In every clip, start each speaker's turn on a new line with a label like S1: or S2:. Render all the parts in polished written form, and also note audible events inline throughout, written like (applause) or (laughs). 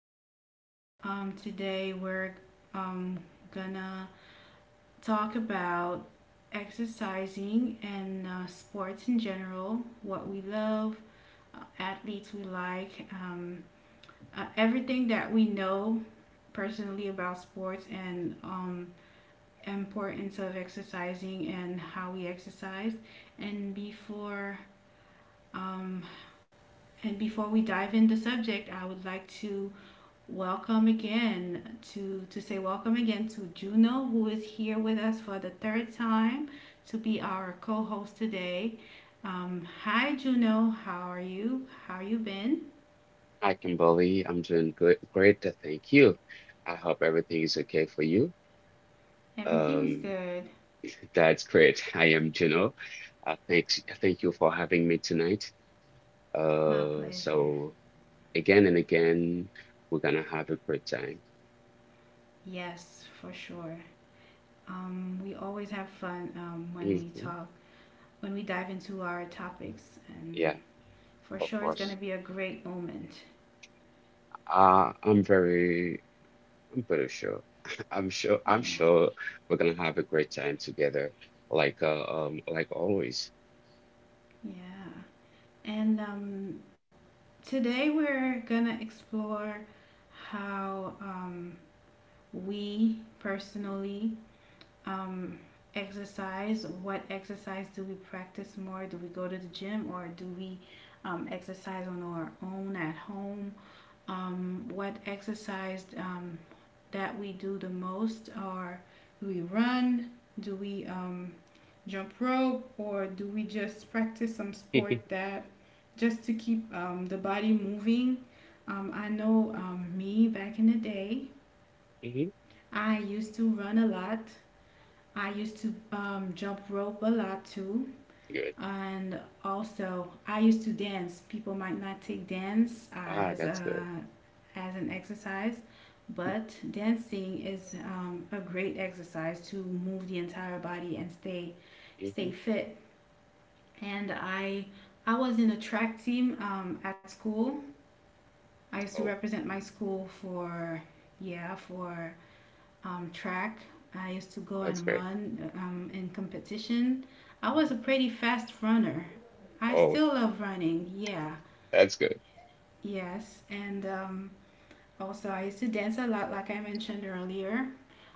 S1: back. Today we're um, gonna talk about exercising and sports in general, what we love, athletes we like, everything that we know personally about sports and importance of exercising and how we exercise. And before um, and before we dive into the subject, I would like to Welcome again to say welcome again to Juno, who is here with us for the third time to be our co-host today. Hi Juno, how are you? How you been?
S2: Hi, Kimberly. I'm doing good, great. Thank you. I hope everything is okay for you.
S1: Everything's
S2: Um,
S1: good.
S2: that's great. (laughs) I am Juno. Thanks. Thank you for having me tonight.
S1: My
S2: Uh,
S1: pleasure.
S2: so again and again, we're gonna have a great time.
S1: Yes, for sure. We always have fun when we
S2: Hmm
S1: talk, when we dive into our topics, and
S2: Yeah,
S1: for sure
S2: of
S1: it's gonna
S2: course.
S1: be a great moment.
S2: Uh, I'm very, I'm pretty sure. (laughs) I'm
S1: Yeah,
S2: sure we're gonna have a great time together, like always.
S1: yeah. And today we're gonna explore how we personally um, exercise. What exercise do we practice more? Do we go to the gym or do we exercise on our own at home? What exercise that we do the most, or do we run, do we jump rope, or do we just practice some
S2: (laughs)
S1: sport
S2: hmm
S1: that just to keep the body moving? I know, me back in the day, I used to run a lot, I used to jump rope a lot too,
S2: Good.
S1: and also, I used to dance. People might not take dance
S2: Ah,
S1: as a,
S2: that's
S1: as an exercise,
S2: good.
S1: but dancing is a great exercise to move the entire body and stay
S2: (laughs)
S1: fit. And I was in a track team at school. I used to
S2: Oh,
S1: represent my school for, yeah, for track. I used to go
S2: that's
S1: and
S2: great.
S1: run in competition. I was a
S2: Hmm
S1: pretty fast runner. I
S2: Oh,
S1: still love running, yeah,
S2: that's good.
S1: yes. And also, I used to dance a lot, like I mentioned earlier.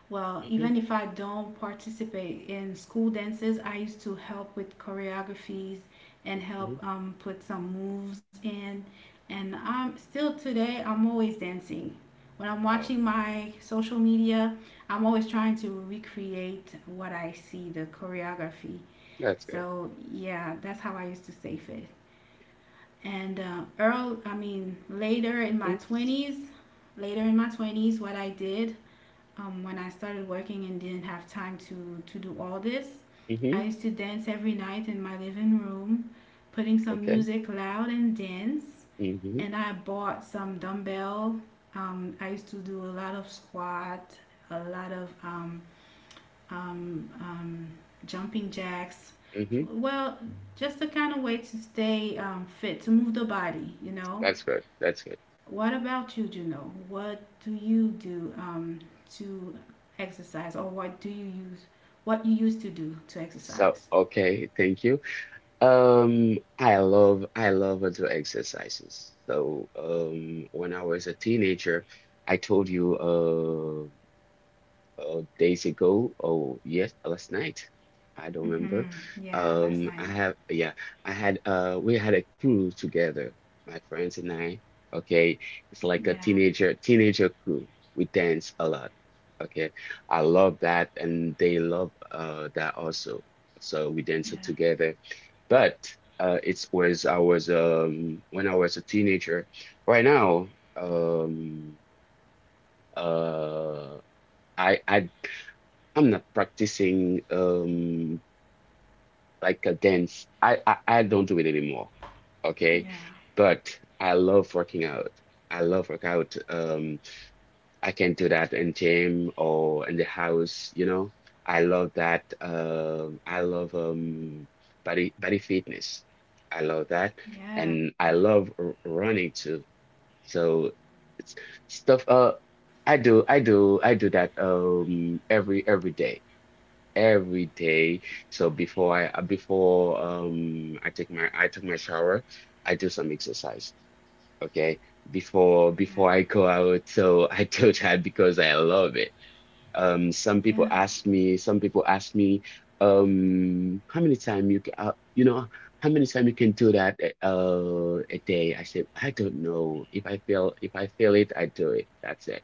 S1: Well,
S2: Hmm
S1: even if I don't participate in school dances, I used to help with choreographies and help
S2: hmm
S1: put some moves in. And I'm still today, I'm always dancing. When I'm
S2: Oh,
S1: watching my social media, I'm always trying to recreate what I see, the choreography.
S2: that's good.
S1: So, yeah, that's how I used to stay fit. And I mean, later in my
S2: Hmm
S1: 20s, later in my 20s, what I did when I started working and didn't have time to do all this. I
S2: hmm
S1: used to dance every night in my living room, putting some
S2: Okay.
S1: music loud and dance.
S2: hmm
S1: And I bought some dumbbell. I used to do a lot of squat, a lot of um, um, jumping jacks.
S2: hmm
S1: Well, just a kind of way to stay fit, to move the body.
S2: That's good. That's good.
S1: What about you, Juno? What do you do to exercise, or what do you use? What you used to do to
S2: So,
S1: exercise?
S2: okay, thank you. I love outdoor exercises. So, when I was a teenager, I told you, uh. oh, days ago. Oh, yes, last night. I don't
S1: hmm
S2: remember.
S1: Yeah, last
S2: Um, I
S1: night.
S2: have, yeah, I had, we had a cruise together, my friends and I. Okay, it's like a
S1: Yeah,
S2: teenager crew. We dance a lot. Okay, I love that, and they love that also. So we dance
S1: yeah,
S2: it together. But it was I was when I was a teenager. Right now, um, uh. I I I'm not practicing like a dance. I don't do it anymore. Okay.
S1: yeah,
S2: But I love working out. I love workout. I can do that in gym or in the house, you know. I love that. I love body fitness. I love that.
S1: yeah,
S2: And I love r running too. So it's stuff I do that every day every day. So before I took my shower, I do some exercise. Okay. Before I go out. So (laughs) I do that because I love it.
S1: yeah, yeah,
S2: Some people ask me, how many time you can you know how many time you can do that a day? I said, I don't know. If I feel it, I do it. That's it.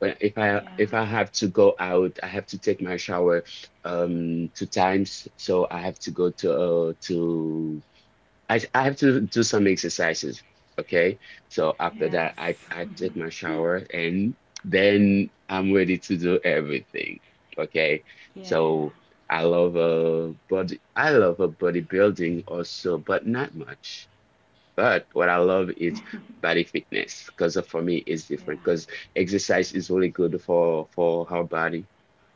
S2: But
S1: yeah,
S2: if I have to go out, I have to take my shower two times. So I have to go to I have to do some exercises. Okay. So after that,
S1: yes,
S2: I take my shower and then I'm ready to do everything. Okay.
S1: yeah,
S2: So I love body I love bodybuilding also, but not much. But what I love is body fitness because for me it's different
S1: yeah,
S2: because exercise is really good for our body.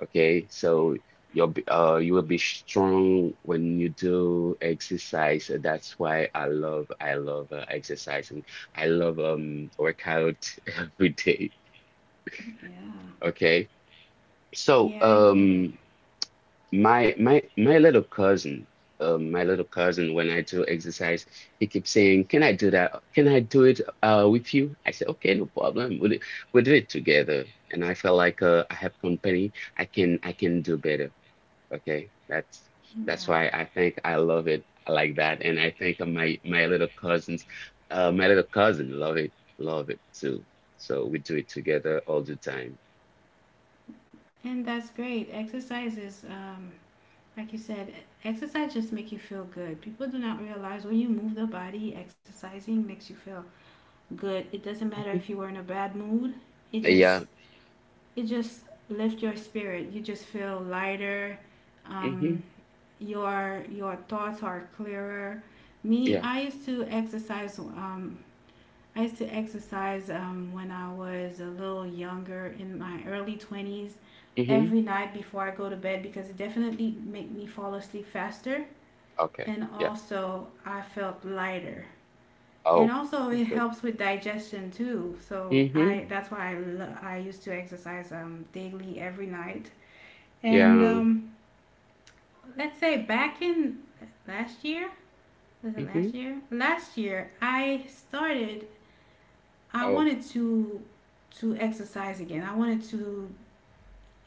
S2: Okay, so you will be strong when you do exercise. And That's why I love exercising. I love workout (laughs) every day.
S1: yeah,
S2: Okay, so
S1: yeah, I get it,
S2: my my my little cousin, my little cousin, when I do exercise, he keeps saying, "Can I do that? Can I do it with you?" I said, "Okay, no problem. We'll do it together." And I felt like I have company. I can do better. Okay,
S1: yeah.
S2: that's why I think I love it like that, and I think my my little cousins, my little cousin love it too. So we do it together all the time.
S1: And that's great. Exercise is like you said, exercise just make you feel good. People do not realize when you move the body, exercising makes you feel good. It doesn't matter if you
S2: Hmm
S1: were in a bad mood. It just
S2: Yeah.
S1: it just lifts your spirit. You just feel lighter. Um,
S2: hmm
S1: your thoughts are clearer. Me,
S2: Yeah.
S1: I used to exercise. I used to exercise when I was a little younger, in my early 20s,
S2: hmm
S1: every night before I go to bed because it definitely make me fall asleep faster,
S2: Okay.
S1: and
S2: Yeah.
S1: also I felt lighter. And
S2: Oh,
S1: also it
S2: that's good.
S1: helps with digestion too. So I
S2: Mm-hmm.
S1: that's why I, I used to exercise daily every night. And
S2: Yeah.
S1: let's say back in last year, was it last
S2: Mm-hmm.
S1: year? Last year I started I
S2: Oh.
S1: wanted to exercise again. I wanted to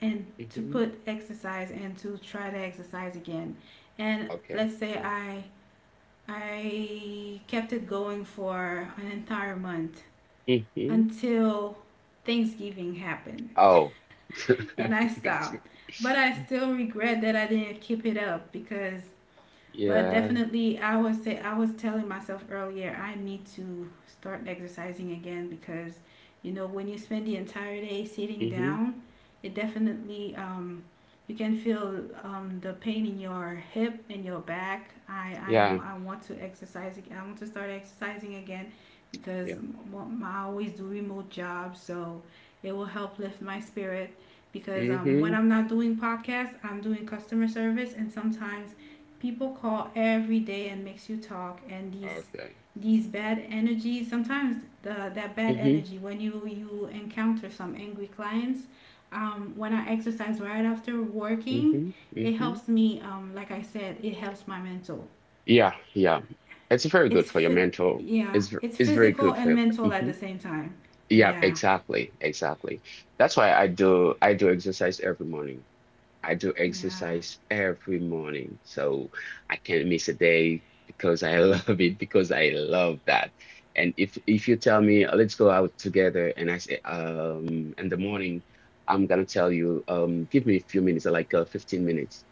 S1: and to
S2: Mm-hmm.
S1: put exercise and to try to exercise again. And
S2: Okay.
S1: let's say I kept it going for an entire month
S2: Mm-hmm.
S1: until Thanksgiving happened
S2: Oh. (laughs)
S1: and I
S2: That's good.
S1: stopped. But I still regret that I didn't keep it up because but
S2: Yeah.
S1: definitely I was say I was telling myself earlier I need to start exercising again because you know when you spend the entire day sitting
S2: Mm-hmm.
S1: down it definitely, you can feel the pain in your hip and your back. I, I,
S2: Yeah.
S1: I want to I want to start exercising again because
S2: Yeah.
S1: I always do remote jobs, so it will help lift my spirit because when
S2: Mm-hmm.
S1: I'm not doing podcasts I'm doing customer service and sometimes people call every day and makes you talk and
S2: Okay.
S1: these bad energies sometimes the that bad
S2: Mm-hmm.
S1: energy when you encounter some angry clients, when I exercise right after working
S2: Mm-hmm.
S1: it
S2: Mm-hmm.
S1: helps me, like I said it helps my mental.
S2: Yeah. Yeah. It's very good
S1: It's
S2: for your
S1: fit
S2: mental.
S1: Yeah, it's
S2: It's very
S1: physical
S2: good for
S1: and
S2: your.
S1: mental at
S2: Mm-hmm.
S1: the same time.
S2: Yeah.
S1: Yeah,
S2: Exactly. Exactly. That's why I do exercise every morning. I do
S1: yeah,
S2: exercise every morning, so I can't miss a day because I (laughs) love it, because I love that. And if you tell me, let's go out together, and I say, in the morning, I'm gonna tell you, give me a few minutes, 15 minutes.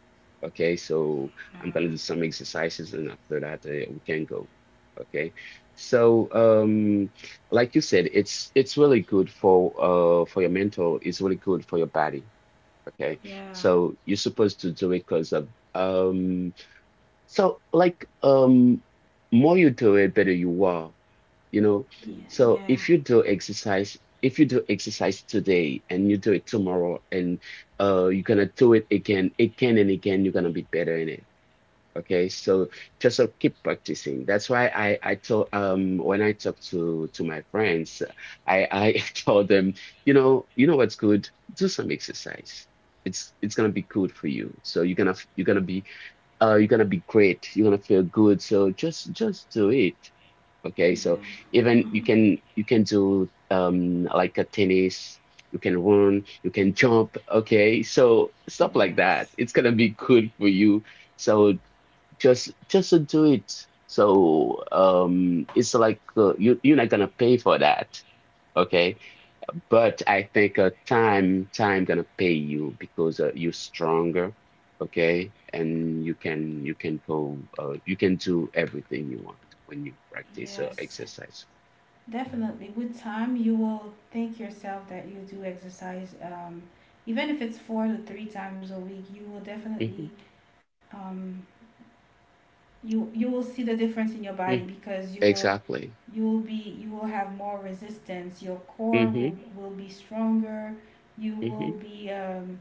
S2: Okay, so I'm gonna do some exercises, and after that, we can go. Okay, so like you said, it's really good for your mental, it's really good for your body. Okay,
S1: yeah,
S2: so you're supposed to do it because of so like um more you do it, better you are, you know.
S1: yeah,
S2: So
S1: yeah,
S2: if you do exercise, if you do exercise today and you do it tomorrow and you're gonna do it again, again and again, you're gonna be better in it. Okay, so just keep practicing. That's why I told when I talk to my friends, I (laughs) told them, you know what's good? Do some exercise. It's gonna be good for you. So you're gonna be great. You're gonna feel good. So just do it. Okay, so
S1: yeah,
S2: even you can do like a tennis. You can run, you can jump, okay? So
S1: yeah.
S2: stuff like
S1: Yes,
S2: that. It's gonna be good for you. So just to do it. So it's like you you're not gonna pay for that, okay? But I think time gonna pay you because you're stronger, okay? And you can go you can do everything you want when you practice
S1: yes.
S2: exercise.
S1: Definitely. With time, you will think yourself that you do exercise, even if it's four to three times a week, you will
S2: Hmm
S1: definitely, um, you you will see the difference in your body
S2: hmm
S1: because
S2: Exactly.
S1: you will be you will have more resistance. Your core
S2: hmm
S1: will, will be stronger. You will
S2: hmm
S1: be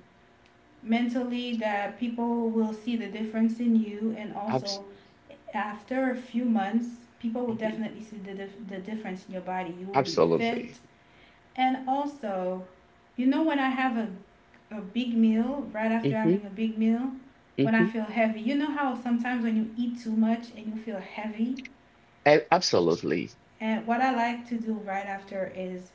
S1: mentally that people will see the difference in you, and
S2: Abs
S1: also after a few months people will
S2: mhm,
S1: definitely see the, the difference in your body, you will be
S2: Absolutely.
S1: fit. And also, you know, when I have a big meal, right after
S2: Hmm
S1: having a big meal, when
S2: hmm
S1: I feel heavy, you know how sometimes when you eat too much and you feel heavy?
S2: Absolutely.
S1: And what I like to do right after is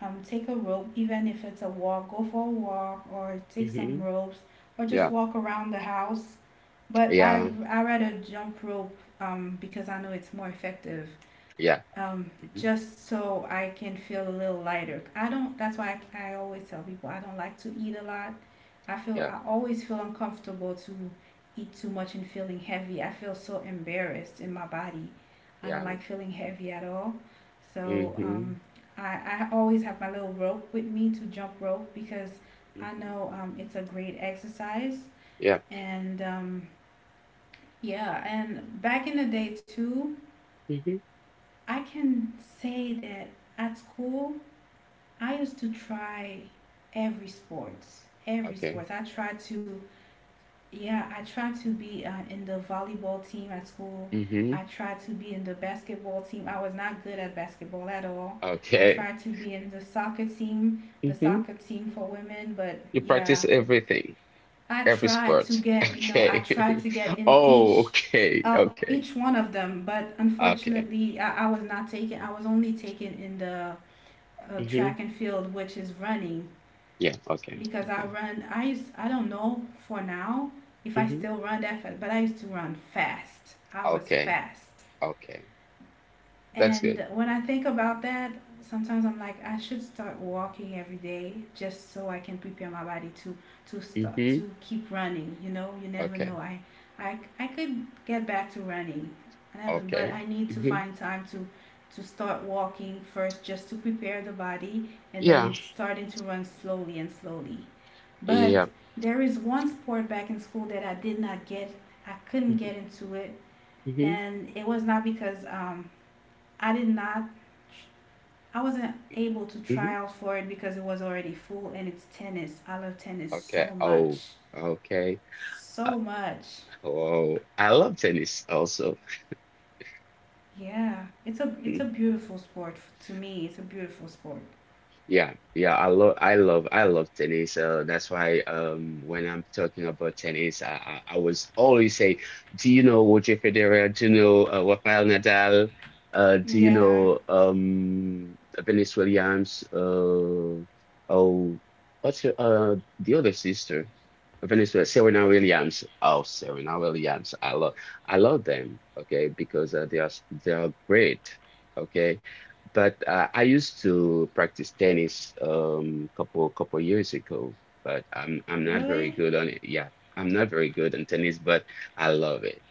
S1: take a rope, even if it's a walk, go for a walk or take some
S2: Hmm
S1: ropes or just
S2: Yeah.
S1: walk around the house. But
S2: Yeah.
S1: I rather jump rope because I know it's more effective.
S2: Yeah.
S1: um,
S2: hmm
S1: just so I can feel a little lighter. I don't. That's why I always tell people I don't like to eat a lot. I always feel uncomfortable to eat too much and feeling heavy. I feel so embarrassed in my body. I don't
S2: Yeah.
S1: like feeling heavy at all. So
S2: Mm-hmm.
S1: I always have my little rope with me to jump rope because I
S2: Mm-hmm.
S1: know it's a great exercise,
S2: Yeah.
S1: and yeah, and back in the day too,
S2: Mm-hmm.
S1: I can say that at school I used to try every sports, every
S2: Okay.
S1: sports. I tried to, yeah, I tried to be in the volleyball team at school.
S2: Mm-hmm.
S1: I tried to be in the basketball team. I was not good at basketball at all. I
S2: Okay.
S1: tried to be in the
S2: Mm-hmm.
S1: soccer team for women, but
S2: You
S1: yeah,
S2: practice everything,
S1: I
S2: every
S1: tried to
S2: sport. (laughs)
S1: get no, I tried
S2: Okay.
S1: to get
S2: (laughs)
S1: in
S2: Oh, okay. Okay.
S1: each one of them, but
S2: Okay.
S1: unfortunately, I was not taken. I was only taken in the
S2: Mm-hmm.
S1: track and field, which is running
S2: Yeah. Okay.
S1: because I
S2: Okay.
S1: run. I used. I don't know for now if I
S2: Mm-hmm.
S1: still run that fast, but I used to run fast. I was
S2: Okay.
S1: fast.
S2: Okay. That's good.
S1: And when I think about that, sometimes I'm like, I should start walking every day just so I can prepare my body to start
S2: Mm-hmm.
S1: to keep running. You know, you never know.
S2: Okay.
S1: I could get back to running. I never, but
S2: Okay.
S1: I need to
S2: Mm-hmm.
S1: find time to start walking first, just to prepare the body and
S2: Yeah.
S1: then starting to run slowly and slowly. But
S2: Yeah.
S1: there is one sport back in school that I did not get. I couldn't
S2: Mm-hmm.
S1: get into it,
S2: Mm-hmm.
S1: and it was not because I did not. I wasn't able to try
S2: Mm-hmm.
S1: out for it because it was already full, and it's tennis. I love tennis so
S2: Okay. Oh.
S1: much,
S2: Okay. Uh,
S1: so much.
S2: oh, I love tennis also.
S1: Yeah, it's a
S2: (laughs)
S1: beautiful sport to me. It's a beautiful sport.
S2: Yeah, yeah, I love tennis. That's why, when I'm talking about tennis, I was always say, do you know Roger Federer? Do you know Rafael Nadal? Do you
S1: Yeah,
S2: know Venus Williams? Oh, the other sister? Serena Williams. Oh, Serena Williams. I love them. Okay, because they are great. Okay. But I used to practice tennis couple years ago, but I'm not very
S1: really,
S2: good on it. Yeah, I'm not very good on tennis, but I love it.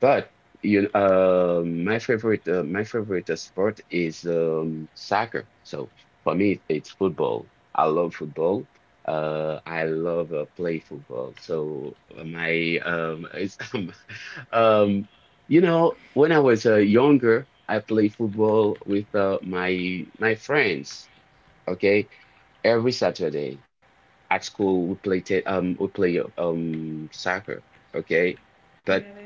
S2: But you know, my favorite sport is soccer. So for me, it's football. I love football. I love play football. So my it's (laughs) Um, you know, when I was younger, I played football with my my friends. Okay, every Saturday at school we play soccer. Okay, but
S1: really.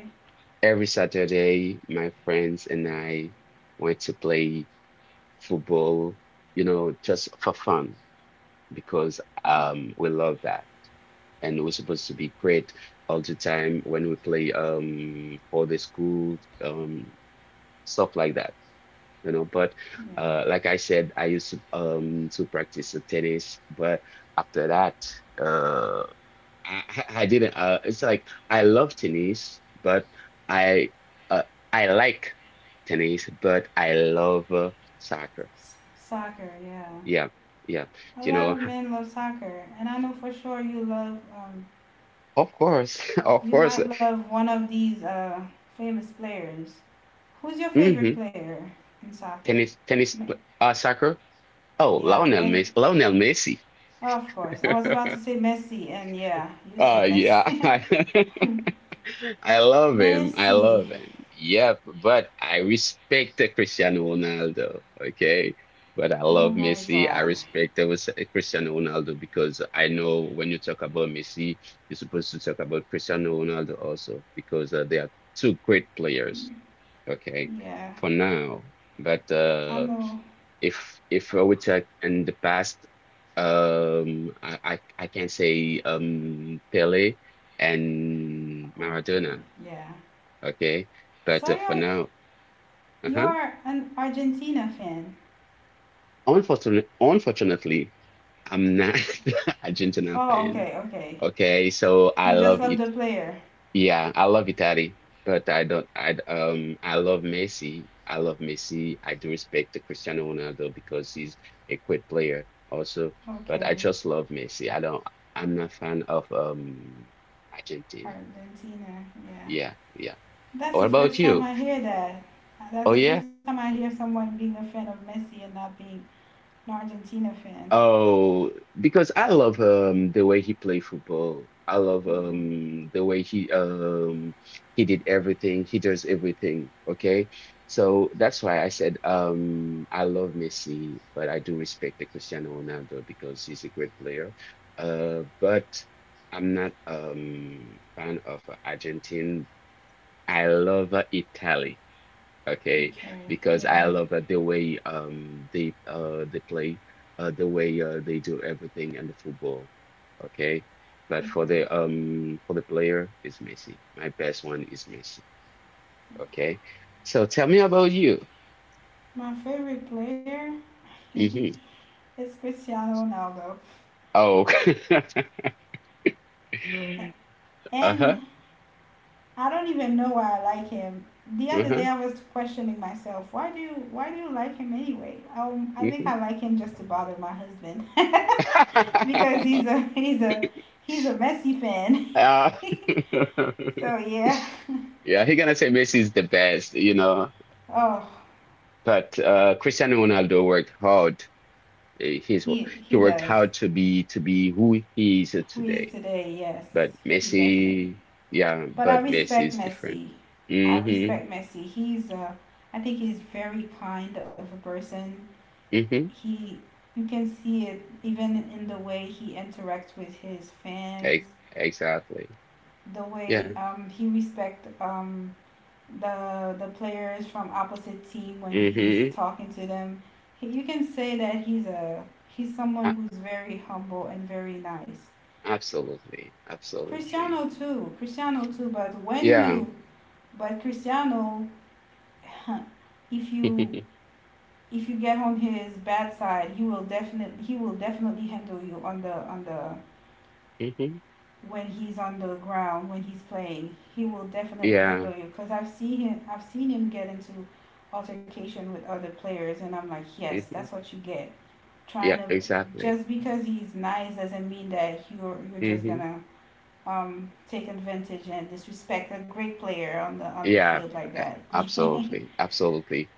S2: every Saturday my friends and I went to play football. You know, just for fun because we love that, and we're supposed to be great all the time when we play for the school stuff like that, you know. But
S1: Yeah.
S2: like I said, I used to practice the tennis, but after that, uh, I didn't. It's like I love tennis, but I uh, I like tennis, but I love soccer.
S1: S- soccer. Yeah,
S2: Yeah, yeah,
S1: a
S2: you
S1: lot
S2: know,
S1: of men love soccer, and I know for sure you love.
S2: of course, (laughs) of
S1: You
S2: course.
S1: might love one of these famous players. Who's your favorite
S2: Hmm
S1: player in soccer? Ma-
S2: Soccer. Oh,
S1: Yeah, Messi.
S2: Lionel Messi.
S1: Well, of course. I was about to
S2: (laughs)
S1: say Messi, and yeah, you said
S2: Yeah.
S1: Messi.
S2: (laughs)
S1: (laughs)
S2: I
S1: Messi.
S2: love him. Yep, but I respect the Cristiano Ronaldo, okay? But I
S1: Oh
S2: love
S1: my
S2: Messi. I
S1: God.
S2: respect the was- Cristiano Ronaldo because I know when you talk about Messi, you're supposed to talk about Cristiano Ronaldo also because they are two great players, okay?
S1: Yeah,
S2: For now, but
S1: I know.
S2: if we talk in the past, I can say Pele and
S1: Okay.
S2: Maradona.
S1: Yeah.
S2: Okay. But
S1: So
S2: for now, uh-huh.
S1: you're an Argentina fan.
S2: Unfortunately, I'm not (laughs) Argentina
S1: Oh,
S2: fan.
S1: okay, okay.
S2: Okay. So I
S1: You
S2: love
S1: just love
S2: it.
S1: the player.
S2: Yeah, I love Italy, but I don't, I, I love Messi. I do respect the Cristiano Ronaldo because he's a great player also, but I
S1: Okay,
S2: just love Messi. I'm not fan of, Argentina.
S1: Argentina. Yeah.
S2: Yeah. Yeah.
S1: That's the
S2: What about
S1: first time
S2: you?
S1: I hear that. That's
S2: Oh,
S1: the
S2: yeah.
S1: first time I hear someone being a fan of Messi and not being an Argentina fan.
S2: Oh, because I love the way he played football. I love
S1: Yeah.
S2: the way he did everything. He does everything. Okay. So that's why I said I love Messi, but I do respect the Cristiano Ronaldo because he's a great player. But I'm not fan of Argentine. I love Italy. Okay,
S1: Okay.
S2: because I
S1: Yeah.
S2: love that the way they play, the way they do everything in the football. Okay, but
S1: Okay.
S2: for the player is Messi. My best one is Messi. Okay, so tell me about you.
S1: My favorite player
S2: Hmm
S1: (laughs) is Cristiano Ronaldo.
S2: Oh, (laughs)
S1: And
S2: uh-huh,
S1: I don't even know why I like him. The other day
S2: uh-huh,
S1: I was questioning myself, why do you like him anyway? I think
S2: mhm.
S1: I like him just to bother my husband (laughs) because
S2: (laughs)
S1: he's a he's a Messi fan. (laughs)
S2: Uh, (laughs)
S1: So yeah.
S2: yeah, he gonna say Messi is the best, you know.
S1: Oh,
S2: But Cristiano Ronaldo worked hard. Eh, He's
S1: he
S2: wo- he
S1: he
S2: worked
S1: does.
S2: hard to be who he is
S1: Who he is
S2: today.
S1: today? Yes,
S2: But
S1: he definitely
S2: Messi, yeah,
S1: But I
S2: but Messi
S1: respect
S2: is different.
S1: Messi. I
S2: Mm-hmm.
S1: respect Messi. He's a, I think he's very kind of a person.
S2: Mm-hmm.
S1: He, you can see it even in the way he interacts with his fans,
S2: Ex exactly.
S1: the way
S2: Yeah.
S1: he respect the players from opposite team when he's
S2: Mm-hmm.
S1: talking to them. You can say that he's
S2: A
S1: someone who's very humble and very nice.
S2: absolutely. Absolutely.
S1: Cristiano too, Cristiano too. But when
S2: Yeah. (laughs)
S1: you but Cristiano, (laughs) if you if you get on his bad side, he will definitely handle you on the
S2: Mm-hmm.
S1: when he's on the ground when he's playing. He will definitely
S2: Yeah.
S1: handle you because I've seen him get into altercation with other players, and I'm like, yes,
S2: Mm-hmm.
S1: that's what you get. Trying
S2: Yeah,
S1: to
S2: exactly.
S1: just because he's nice doesn't mean that you're just
S2: Mhm.
S1: gonna take advantage and disrespect a great player on the
S2: Yeah,
S1: field like
S2: eh,
S1: that. (laughs)
S2: absolutely, absolutely.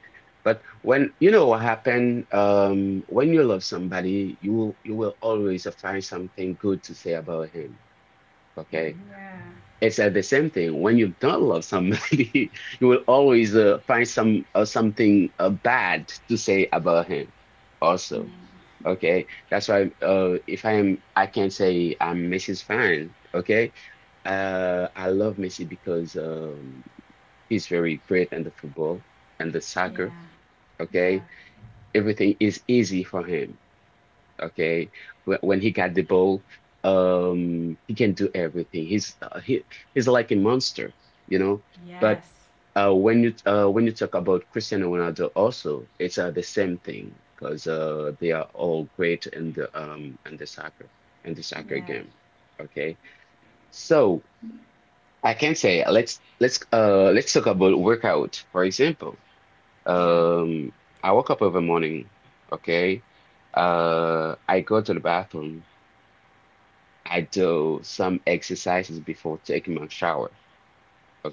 S2: But when you know what happened, when you love somebody, you will always find something good to say about him. Okay,
S1: Yeah.
S2: it's the same thing. When you don't love somebody, (laughs) you will always find something bad to say about him.
S1: Yeah.
S2: Also, okay, that's why if I am, I can say I'm Mrs. Fine. Okay, I love Messi because he's very great in the football and the soccer.
S1: Yeah. Yeah.
S2: Okay, everything is easy for him. Okay, when he got the ball, he can do everything. He's like a monster, you know. But
S1: Yes.
S2: when you talk about Cristiano Ronaldo, also it's the same thing because they are all great in the in the soccer
S1: Yeah.
S2: game. Okay, so I can say let's talk about workout, for example.
S1: Yeah.
S2: Um, I woke up every morning, okay? I go to the bathroom. I do some exercises before taking my shower,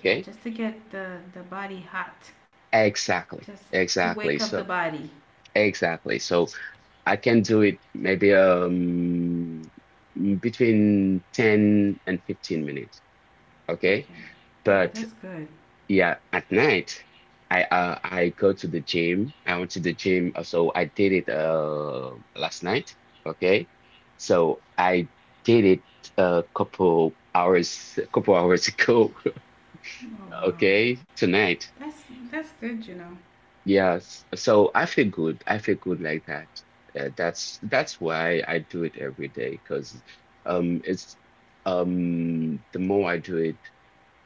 S1: Yeah. Just to get the body hot.
S2: Exactly,
S1: Just to wake
S2: exactly.
S1: up the
S2: So,
S1: body.
S2: exactly. So I can do it maybe between 10 and 15 minutes, okay?
S1: Okay. Yeah,
S2: But,
S1: that's good.
S2: yeah, at night, I go to the gym. I went to the gym, so I did it last night. Okay, so I did it (laughs) a couple hours ago. (laughs)
S1: Oh wow.
S2: Okay, tonight.
S1: That's that's good, you know.
S2: Yes, so I feel good. I feel good like that. That's why I do it every day because it's the more I do it,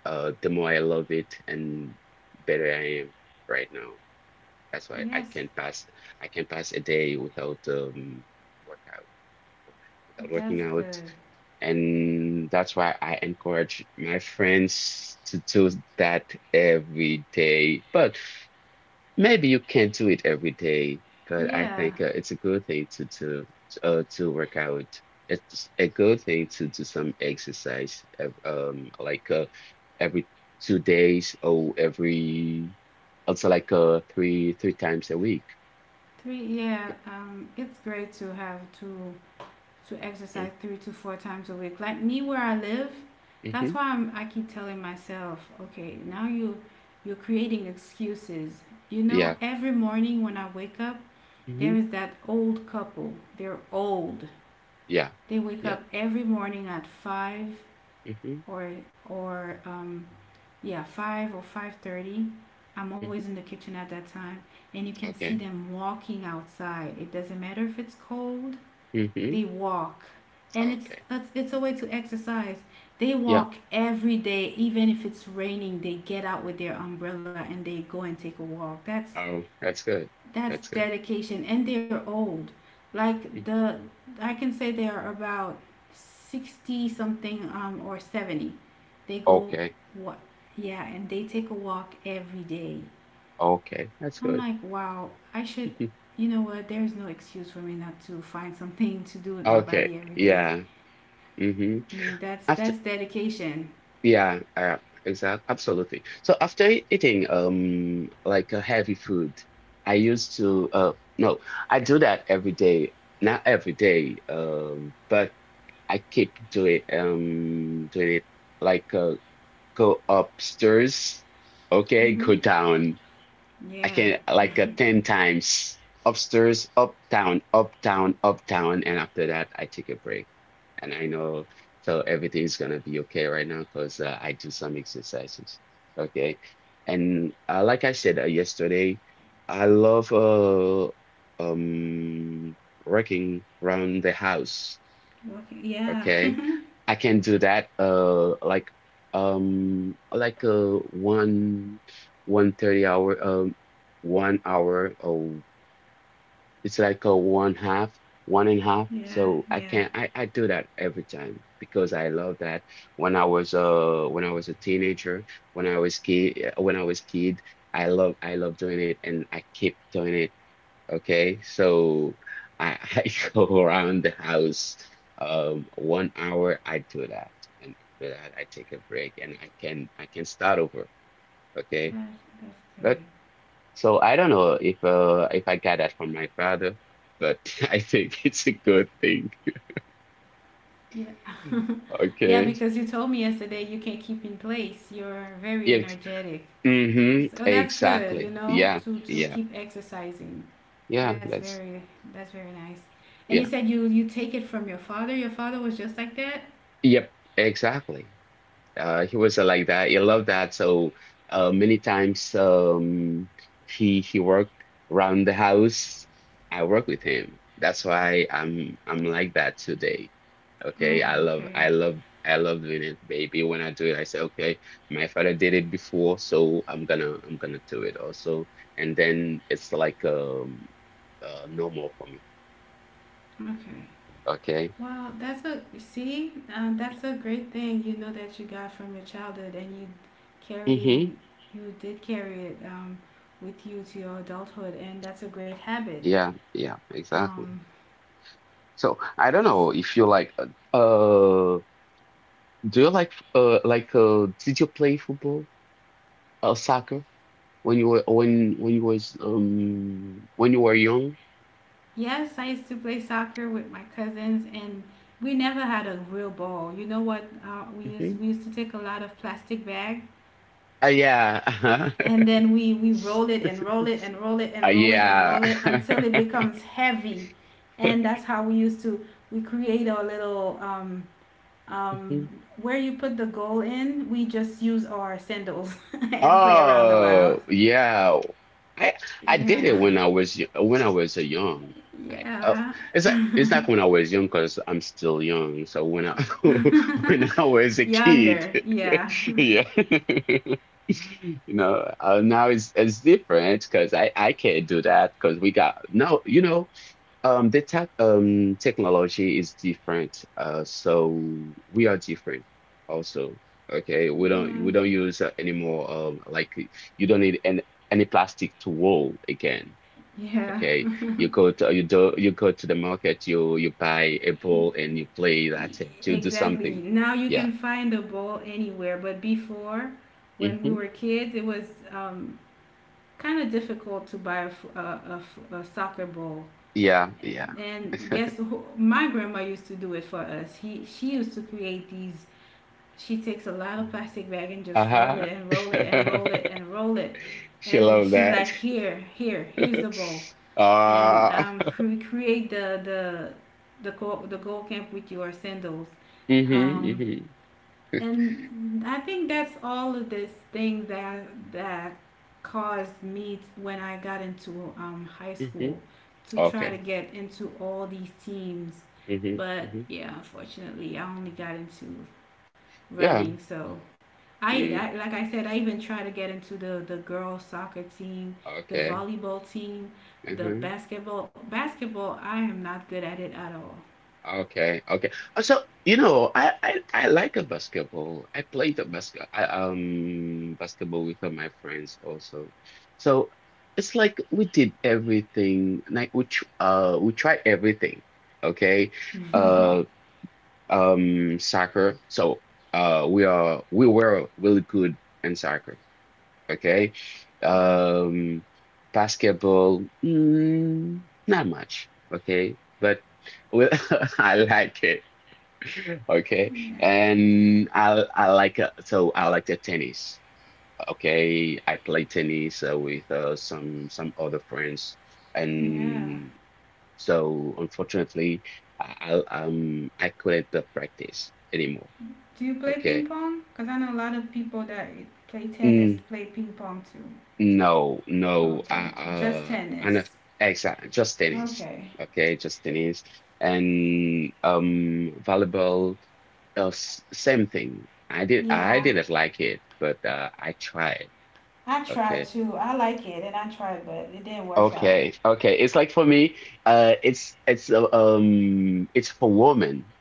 S2: the more I love it and better I am right now. That's why I
S1: Yes,
S2: can pass a day without workout without
S1: that's
S2: working
S1: good.
S2: out. And that's why I encourage my friends to do that every day. But maybe you can't do it every day, but I
S1: Yeah.
S2: think it's a good thing to work out. It's a good thing to do some exercise, like every 2 days or every also like three times a week.
S1: Three yeah, it's great to have to exercise 3 to 4 times a week. Like me where I live, that's
S2: Mm-hmm.
S1: why I'm I keep telling myself, okay, now you're creating excuses. You know,
S2: Yeah.
S1: every morning when I wake up, there
S2: Mm-hmm.
S1: is that old couple. They're old.
S2: Yeah.
S1: They wake
S2: Yeah.
S1: up every morning at five
S2: Mm-hmm.
S1: or or um, or five thirty. I'm always
S2: Mm-hmm.
S1: in the kitchen at that time, and you can see
S2: Okay.
S1: them walking outside. It doesn't matter if it's cold.
S2: Mm-hmm.
S1: They walk, and
S2: Okay.
S1: it's a way to exercise. They
S2: Yeah.
S1: walk every day, even if it's raining. They get out with their umbrella and they go and take a walk.
S2: Oh, that's good. That's
S1: That's
S2: good.
S1: dedication and they're old. like
S2: Mm.
S1: the I can say they are about 60 something or 70. They go
S2: Okay.
S1: what Yeah, and they take a walk every day.
S2: Okay. That's
S1: i'm
S2: good.
S1: like wow, I should,
S2: Mhm.
S1: you know what, there's no excuse for me not to find something to do with my
S2: Okay.
S1: body every day.
S2: Yeah. Mm-hmm.
S1: Mm,
S2: After,
S1: that's dedication.
S2: yeah, exactly. Absolutely. So after eating, like a heavy food, I used to, no, I do that every day. Not every day, but I keep doing it like go upstairs, okay, go
S1: Hmm.
S2: down. I
S1: Yeah.
S2: can, like, 10 times upstairs, up, down, up, down, up, down. And after that, I take a break. And I know, so everything's gonna be okay right now because I do some exercises, okay? And like I said yesterday, I love um, working around the house.
S1: Walking, yeah.
S2: Okay.
S1: (laughs)
S2: I can do that like one one thirty hour 1 hour, oh, it's like a one half, one and a half,
S1: Yeah,
S2: so I can
S1: yeah,
S2: I do that every time because I love that. When I was a teenager, when I was kid, I love doing it and I keep doing it. Okay, so I, (laughs) I go around the house 1 hour. I do that and after that I take a break, and I can start over, okay.
S1: that's
S2: But,
S1: good.
S2: so I don't know if I got that from my father, but (laughs) I think it's a good thing.
S1: Yeah. Yeah,
S2: Okay.
S1: because you told me yesterday you can keep in place. You're very
S2: Yes.
S1: energetic.
S2: Mm-hmm,
S1: So that's good, you
S2: exactly.
S1: know,
S2: Yeah,
S1: to
S2: yeah,
S1: keep exercising.
S2: yeah,
S1: That's
S2: that's
S1: very that's very nice. And you
S2: yeah,
S1: said you take it from your father. Your father was just like that?
S2: yep, exactly. He was like that. He loved that. So many times, he worked around the house. I work with him. That's why I'm like that today. Okay,
S1: Oh, okay.
S2: I love doing it, baby. When I do it, I say, okay, my father did it before, so I'm gonna do it also. And then it's like normal for me.
S1: Okay.
S2: Okay.
S1: Wow, that's a see, that's a great thing, you know, that you got from your childhood and
S2: Mm-hmm.
S1: carrying you did carry it with you to your adulthood, and that's a great habit.
S2: Yeah, yeah,
S1: Um,
S2: exactly. So I don't know if you like uh do you like did you play football, soccer, when you were when you was when you were young?
S1: Yes, I used to play soccer with my cousins, and we never had a real ball. You know what?
S2: Hmm.
S1: We used to take a lot of plastic bag,
S2: Yeah.
S1: and then we roll it and
S2: (laughs)
S1: roll it and roll it and roll it and
S2: Yeah.
S1: roll it until it
S2: (laughs)
S1: becomes heavy, and that's how we used to we create our little um
S2: Mhm.
S1: where you put the goal in. We just use our sandals (laughs) and play around the wild.
S2: Oh, yeah. I I did
S1: Yeah,
S2: it when when I was a young.
S1: (laughs)
S2: I, uh,
S1: yeah.
S2: it's like when I was young because I'm still young. So when I (laughs) when I
S1: (laughs)
S2: was a kid,
S1: Younger, yeah,
S2: (laughs) yeah. (laughs) You know, now it's different because I can't do that because we got no, the technology is different. So we are different also. Okay, we
S1: (laughs)
S2: don't,
S1: yeah.
S2: use anymore. Like you don't need any plastic to roll again.
S1: Yeah,
S2: Okay, you go to the market, you buy a ball and you play.
S1: y-
S2: That's it. You do
S1: exactly.
S2: something.
S1: Now you
S2: Yeah.
S1: can find a ball anywhere, but before, when we
S2: Hmm.
S1: were kids, it was um, kind of difficult to buy a soccer ball.
S2: Yeah. Yeah.
S1: And guess who? My grandma used to do it for us. He She used to create these. She takes a lot of plastic bag and just roll it
S2: Uh-huh.
S1: and roll it and roll it
S2: (laughs)
S1: and roll it,
S2: (laughs) She
S1: and
S2: loved
S1: she's like,
S2: that.
S1: here, here, here's the ball.
S2: (laughs)
S1: And
S2: Uh, (laughs)
S1: create the goal camp with your sandals. Um,
S2: mm-hmm.
S1: and I think that's all of this thing that that caused me when I got into high
S2: Hmm, hmm.
S1: school to try to
S2: Okay.
S1: get into all these teams.
S2: Hmm,
S1: But
S2: hmm.
S1: yeah, unfortunately, I only got into
S2: Yeah.
S1: running. So,
S2: Mm,
S1: I like I said, I even try to get into the girls soccer team, the
S2: okay.
S1: volleyball team, the
S2: Hmm.
S1: basketball. Basketball, I am not good at it at all.
S2: Okay. Okay. So, I like a basketball. I played basketball with my friends also. So it's like we did everything. Like we tr we tried everything. Okay. Uh. Soccer. So we were really good in soccer. Okay.
S1: Yeah.
S2: Um Basketball, not much. Okay. But, well, (laughs) I like it. Okay.
S1: Yeah.
S2: And I like so I like the tennis. Okay. I play tennis with some other friends,
S1: Yeah.
S2: and so, unfortunately, I couldn't practice anymore.
S1: Do you play ping
S2: Okay.
S1: pong? Because I know a lot of people that play tennis
S2: Mm,
S1: play ping pong too.
S2: no, no. I
S1: Okay. Just
S2: uh I know,
S1: tennis.
S2: exactly, just tennis.
S1: Okay.
S2: Okay, just tennis. And volleyball, same thing. I
S1: Yeah.
S2: didn't like it, but I tried.
S1: I tried
S2: Okay.
S1: too. I like it and I tried, but it didn't work out.
S2: Okay. Okay. It's like for me, it's for women.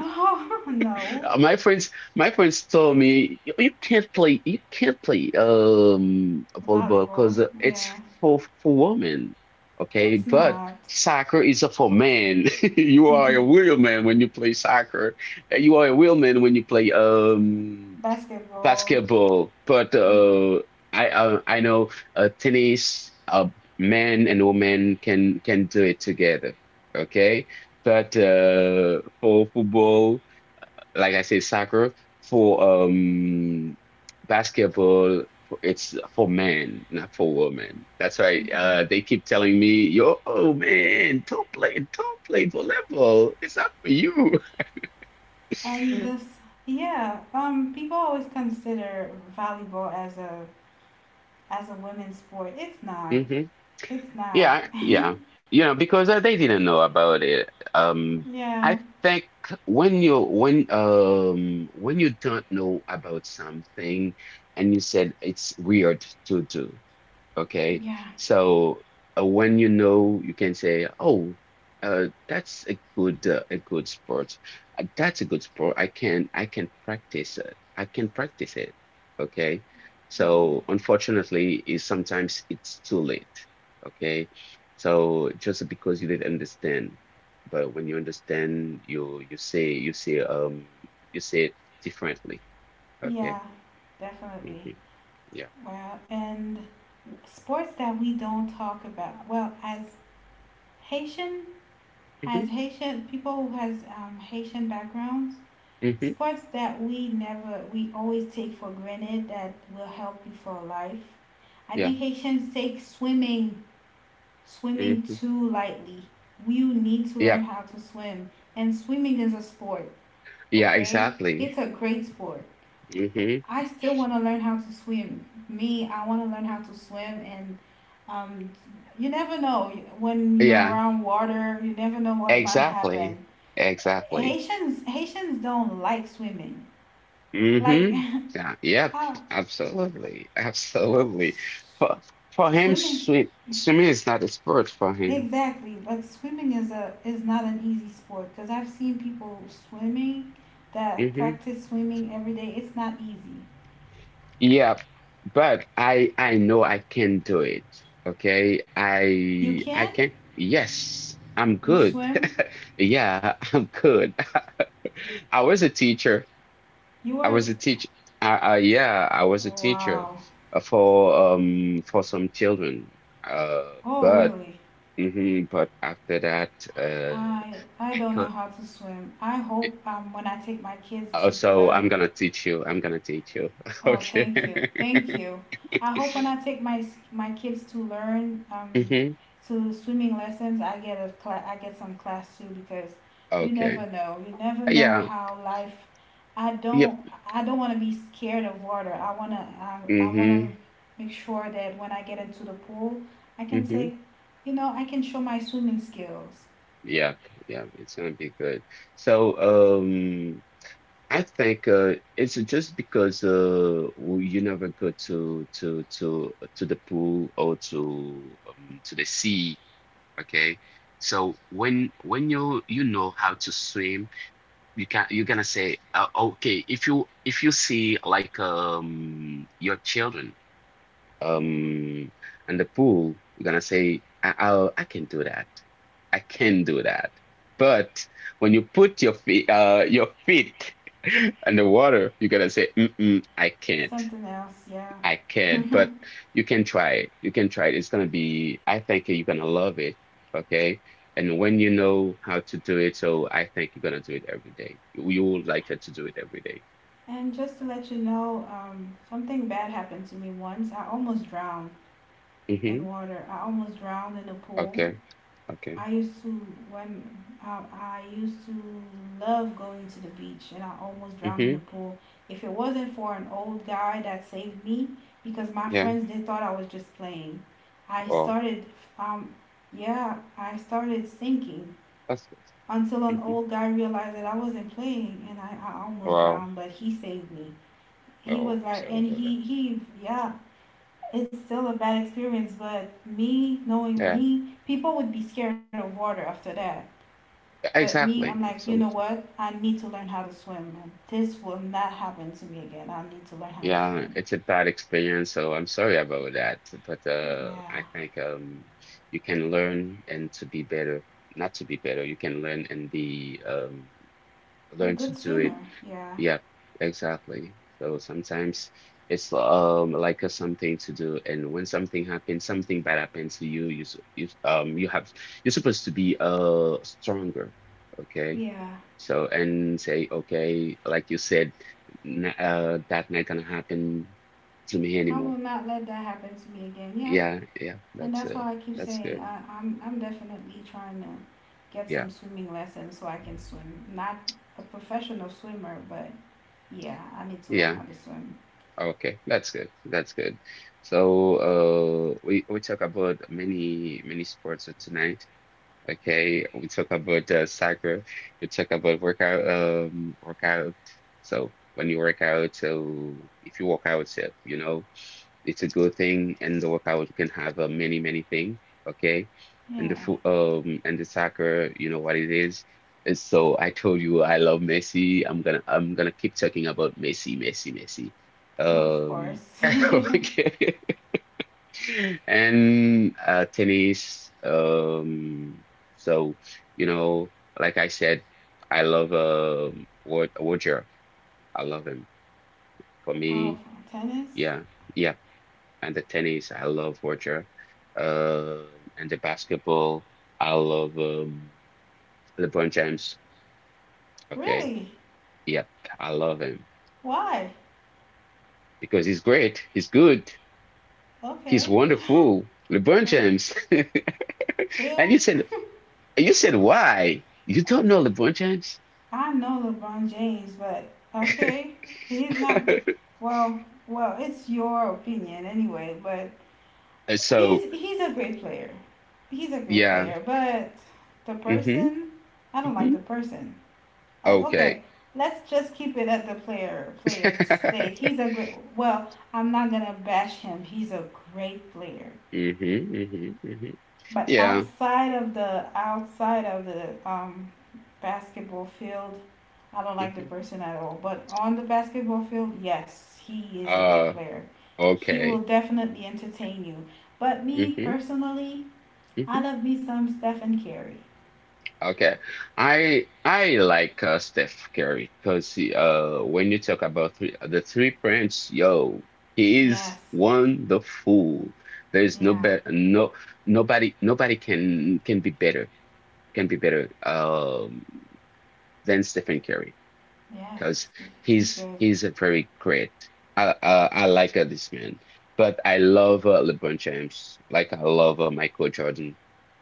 S1: Oh, (laughs) no.
S2: My friends, told me, you can't play, volleyball
S1: Volleyball.
S2: because it's
S1: Yeah.
S2: for women, okay?
S1: It's
S2: But
S1: not
S2: soccer is for men. (laughs) You are a real man when you play soccer, and you are a real man when you play
S1: basketball.
S2: basketball. But
S1: Mm.
S2: I know tennis, men and women can do it together, okay? But for football, like I said, soccer, for basketball. It's for men, not for women. That's why
S1: Yeah.
S2: they keep telling me, "Yo, oh man, don't play, volleyball. It's not for you."
S1: And this
S2: (laughs)
S1: Yeah, people always consider volleyball as a women's sport. It's not.
S2: Hmm.
S1: It's not.
S2: Yeah, yeah. You know, because they didn't know about it.
S1: Yeah.
S2: I think when you don't know about something, and you said it's weird to do, okay,
S1: Yeah.
S2: so when you know, you can say, "Oh, that's a good, a good sport. That's a good sport. I can practice it. I can practice it." Okay,
S1: Yeah.
S2: so, unfortunately, is sometimes it's too late. Okay, so just because you didn't understand, but when you understand, you, say, you say it differently. Okay.
S1: Yeah, definitely.
S2: Hmm. Yeah.
S1: Well, and sports that we don't talk about. Well, Haitian, as
S2: Hmm,
S1: Haitian people who has Haitian backgrounds,
S2: hmm.
S1: sports that we never we always take for granted that will help you for life. I
S2: Yeah.
S1: think Haitians take swimming
S2: Hmm.
S1: too lightly. You need to learn
S2: Yep.
S1: how to swim, and swimming is a sport.
S2: Yeah,
S1: Okay,
S2: exactly.
S1: it's a great sport.
S2: Hmm.
S1: I still want to learn how to swim. Me, I want to learn how to swim, and um, you never know when you're
S2: Yeah,
S1: around water. You never know what might
S2: exactly.
S1: happen.
S2: Exactly.
S1: Haitians don't like swimming. Like,
S2: Hmm. Yeah, yep,
S1: (laughs) I,
S2: absolutely. Absolutely. For for him,
S1: swimming
S2: swimming is not a sport for him.
S1: exactly, but swimming is a is not an easy sport, because I've seen people swimming that
S2: Hmm.
S1: practice swimming every day. It's not easy.
S2: Yeah, but I know I can do it. Okay.
S1: you
S2: I
S1: can
S2: can, yes, I'm
S1: you
S2: good.
S1: swim?
S2: (laughs) Yeah, I'm good. (laughs) I was a teacher
S1: you
S2: I
S1: are
S2: was
S1: t-
S2: a teacher. I yeah, I was a
S1: oh,
S2: teacher
S1: wow.
S2: for some children.
S1: Oh
S2: But,
S1: really?
S2: mhm, but after that,
S1: I
S2: I
S1: don't
S2: can't.
S1: know how to swim. I hope, when I take my kids
S2: Oh,
S1: to
S2: so I'm
S1: learn.
S2: gonna teach you. I'm gonna teach you. (laughs)
S1: Oh,
S2: Okay.
S1: thank you.
S2: (laughs)
S1: Thank you. I hope when I take my kids to learn
S2: Mm-hmm.
S1: to swimming lessons, I get some class too, because you never
S2: Okay.
S1: know. You never know
S2: Yeah.
S1: how life I
S2: Yep.
S1: don't, I don't want to be scared of water. I want to I want to
S2: Mm-hmm.
S1: make sure that when I get into the pool, I can
S2: Mm-hmm.
S1: take you know, I can show my swimming skills.
S2: Yep. Yep. It's gonna be good. So. I think it's just because you never go to the pool, or to the sea, okay? So when you know how to swim, you're gonna say, okay, if you see, like, your children,
S1: Yeah.
S2: um and the pool, you're gonna say, I can do that, I can do that. But when you put your feet (laughs) in the water, you're gonna say, "Mm-mm, I
S1: It's
S2: can't,
S1: something else. Yeah.
S2: I can't." But you can try it. It's gonna be, I think you're gonna love it, okay. And when you know how to do it, so I think you're gonna do it every day. You will like it, to do it every day.
S1: And just to let you know, something bad happened to me once. I almost drowned. And
S2: Mm-hmm.
S1: water. I almost drowned in the pool.
S2: Okay. Okay.
S1: I used to when I used to love going to the beach, and I almost drowned in the
S2: Mm-hmm.
S1: pool. If it wasn't for an old guy that saved me, because my
S2: Yeah,
S1: friends they thought I was just playing, I
S2: well,
S1: started um yeah, I started sinking
S2: that's good.
S1: until an
S2: Mhm.
S1: old guy realized that I wasn't playing, and I almost
S2: Wow.
S1: drowned, but he saved me. He
S2: Oh,
S1: was
S2: I'm
S1: like,
S2: sorry
S1: and
S2: about that.
S1: he Yeah, it's still a bad experience, but me, knowing
S2: Yeah,
S1: me, people would be scared of water after that. But me, I'm
S2: exactly.
S1: like, you know
S2: Absolutely.
S1: what? I need to learn how to swim. And this will not happen to me again. I need to learn how to
S2: Yeah,
S1: swim.
S2: it's a bad experience, so I'm sorry about that. But
S1: Yeah.
S2: I think you can learn and to be better, not to be better. You can learn and be
S1: A
S2: learn to
S1: good
S2: do it.
S1: swimmer. Yeah.
S2: Yep, exactly. So sometimes it's like a something to do, and when something happens, something bad happens to you, you have you're supposed to be stronger. Okay.
S1: Yeah.
S2: So, and say, okay, like you said, n that not gonna happen to me
S1: I
S2: anymore.
S1: will not let that happen to me again. Yeah.
S2: Yeah, yeah,
S1: And that's why I keep
S2: that's
S1: saying
S2: good.
S1: I'm definitely trying to get
S2: Yeah,
S1: some swimming lessons so I can swim. Not a professional swimmer, but yeah, I need to learn
S2: yeah.
S1: how to swim.
S2: Okay, that's good. That's good. So, we talk about many many sports tonight. Okay, we talk about soccer. We talk about workout, workout. So when you work out, so if you work out, so, you know, it's a good thing, and the workout can have a many, many thing, okay? And the
S1: Yeah.
S2: foot, and the soccer, you know what it is. And so I told you I love Messi. I'm gonna keep talking about Messi, Messi, Messi.
S1: Well, of
S2: Um,
S1: course. (laughs)
S2: (laughs)
S1: Oh,
S2: okay. (laughs) And tennis. So you know, like I said, I love Wod Roger. I love him. For
S1: from
S2: me,
S1: tennis?
S2: yeah. Yeah and the tennis, I love Roger. And the basketball, I love LeBron James. Okay.
S1: Really?
S2: Yep, I love him
S1: Why?
S2: because he's great. He's good. He's
S1: Okay.
S2: wonderful. LeBron
S1: Well,
S2: James. (laughs) And
S1: ew.
S2: you said, you said, why? You don't know LeBron James?
S1: I know LeBron James, but okay. He's not
S2: (laughs)
S1: well Well, it's your opinion anyway, but he's
S2: So,
S1: a great player. He's a great
S2: yeah.
S1: player, but the
S2: Hmm
S1: person, I don't like
S2: hmm.
S1: the person. Like,
S2: Okay.
S1: okay, let's just keep it at the player,
S2: (laughs) Hmm
S1: player state. He's a great, well, I'm not gonna bash him. He's a great player.
S2: hmm hmm.
S1: But
S2: Yeah.
S1: outside of the basketball field, I don't like the
S2: Hmm.
S1: person at all. But on the basketball field, yes, he is a great
S2: Uh,
S1: player. He will
S2: okay.
S1: definitely entertain you. But me
S2: Hmm
S1: personally, I
S2: hmm.
S1: love me some Stephen Curry.
S2: Okay. I like Steph Curry because when you talk about three points, yo, he is
S1: Yes,
S2: wonderful. There is no
S1: yeah,
S2: better no nobody can be better than Stephen Curry
S1: yes,
S2: because
S1: he's good.
S2: he's a very great. I like this man, but I love LeBron James like I love Michael Jordan.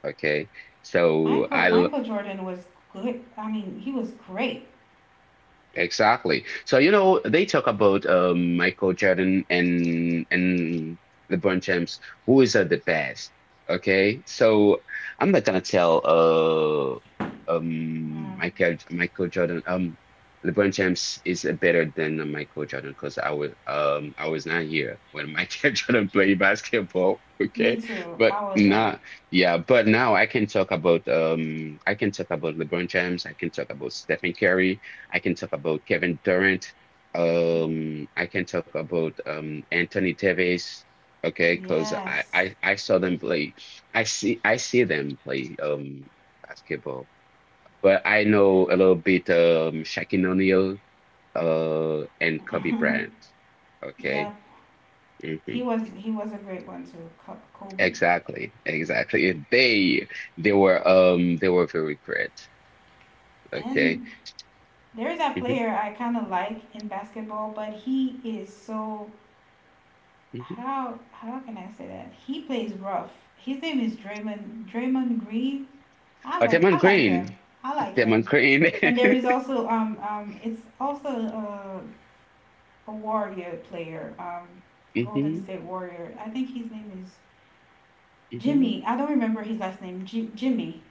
S2: Okay. So I
S1: Michael Jordan was good. I mean, he was great.
S2: exactly. So, you know, they talk about Michael Jordan and LeBron James, who is at the best. Okay. So I'm not gonna tell
S1: Yeah.
S2: Michael Jordan LeBron James is better than Michael Jordan because I was not here when Michael (laughs) Jordan played basketball.
S1: Me
S2: Okay.
S1: too. I
S2: But
S1: wasn't.
S2: nah, yeah, but now I can talk about I can talk about LeBron James, I can talk about Stephen Curry. I can talk about Kevin Durant. I can talk about Anthony Davis. Okay, because I,
S1: Yes.
S2: I I saw them play. I see them play basketball, but I know a little bit Shaquille O'Neal and Kobe Bryant. Okay.
S1: Yeah,
S2: Hmm.
S1: He was a great one too, Kobe.
S2: Exactly. Exactly. They were they were very great. Okay.
S1: And there's that
S2: Hmm
S1: player I kind of like in basketball, but he is so,
S2: hmm.
S1: how can I say that? He plays rough. His name is Draymond Green.
S2: Oh, Draymond
S1: I like
S2: Green.
S1: him. I like
S2: Draymond
S1: him. And there
S2: Green.
S1: is also it's also a warrior player, Golden
S2: (laughs)
S1: State Warrior. I think his name is
S2: Hmm hmm.
S1: Jimmy. I don't remember his last name. Jimmy.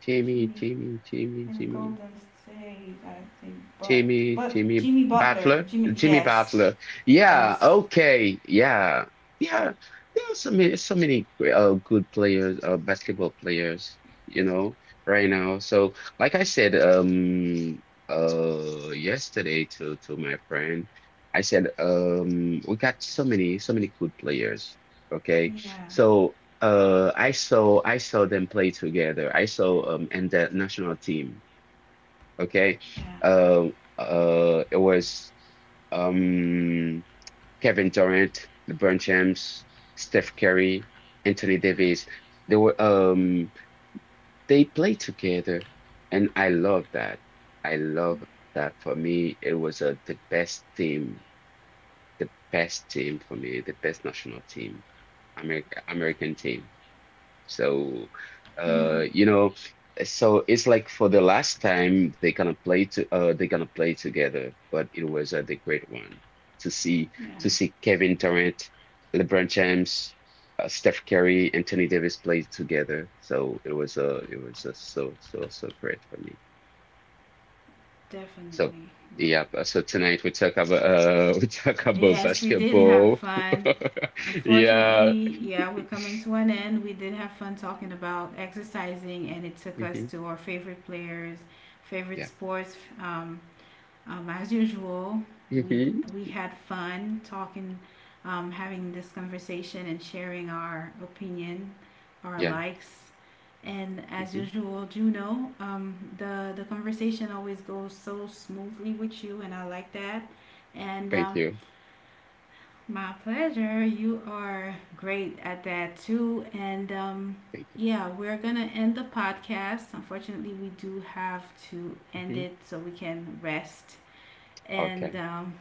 S2: Jimmy,
S1: Jimmy.
S2: Jimmy, Jimmy,
S1: In
S2: Jimmy,
S1: Golden State, I think, but
S2: Jimmy, Jimmy
S1: Jimmy Butler,
S2: Butler,
S1: Jimmy,
S2: Jimmy
S1: yes,
S2: Butler. Yeah,
S1: yes,
S2: okay, yeah, yeah. There are so many, so many good players, basketball players, you know, right now. So, like I said, yesterday to my friend, I said, we got so many, so many good players. Okay,
S1: yeah,
S2: so. I saw them play together. I saw and the national team. Okay.
S1: yeah,
S2: It was um, Kevin Durant, LeBron James, Steph Curry, Anthony Davis. They were um, they played together, and I love that. I love that. For me, it was the best team for me, the best national team, America, American team. So,
S1: yeah,
S2: you know, so it's like for the last time they kind of play to they kind of play together, but it was a great one to see
S1: yeah,
S2: to see Kevin Durant, LeBron James, Steph Curry, and Anthony Davis play together. So it was so so so great for me. So
S1: definitely. Well,
S2: yeah, but so tonight we talk about (laughs) we talk about
S1: yes, we did have
S2: basketball.
S1: fun.
S2: (laughs) Yeah.
S1: Unfortunately, yeah, we're coming to an end. We did have fun talking about exercising, and it took us
S2: Hmm.
S1: to our favorite players, favorite
S2: Yeah.
S1: sports, um, um, as usual, we
S2: Hmm.
S1: we had fun talking, having this conversation and sharing our opinion, our
S2: Yeah.
S1: likes, and as
S2: Hmm.
S1: usual, Juno, the conversation always goes so smoothly with you, and I like that. And
S2: Thank you.
S1: my pleasure. You are great at that too. And
S2: Thank you.
S1: yeah, we're gonna end the podcast. Unfortunately, we do have to end
S2: Hmm.
S1: it so we can rest, and
S2: Okay.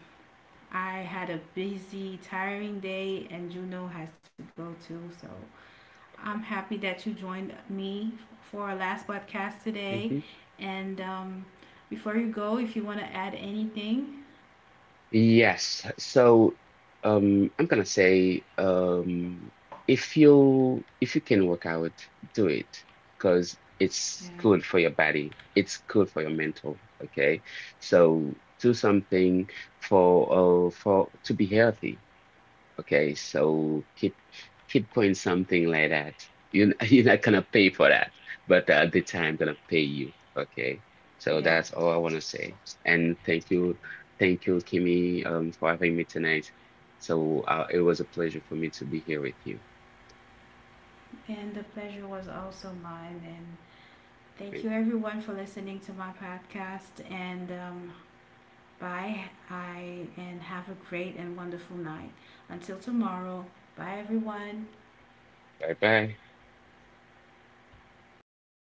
S1: I had a busy, tiring day, and Juno has to go too. So I'm
S2: Okay.
S1: happy that you joined me for our last podcast today.
S2: Hmm.
S1: And before you go, if you want to add anything,
S2: Yes. So, I'm gonna say, if you can work out, do it, because it's
S1: yeah,
S2: good for your body. It's good for your mental. Okay. So do something for to be healthy. Okay, so keep keep going something like that. You (laughs) you're not gonna pay for that, but at the time I'm gonna pay you. Okay, so
S1: yeah.
S2: that's all I wanna say. And thank you, Kimmy, for having me tonight. So it was a pleasure for me to be here with you.
S1: And the pleasure was also mine. And thank
S2: Thank
S1: you
S2: you.
S1: everyone for listening to my podcast. And bye. I and have a great and wonderful night. Until tomorrow. Bye everyone.
S2: Bye bye.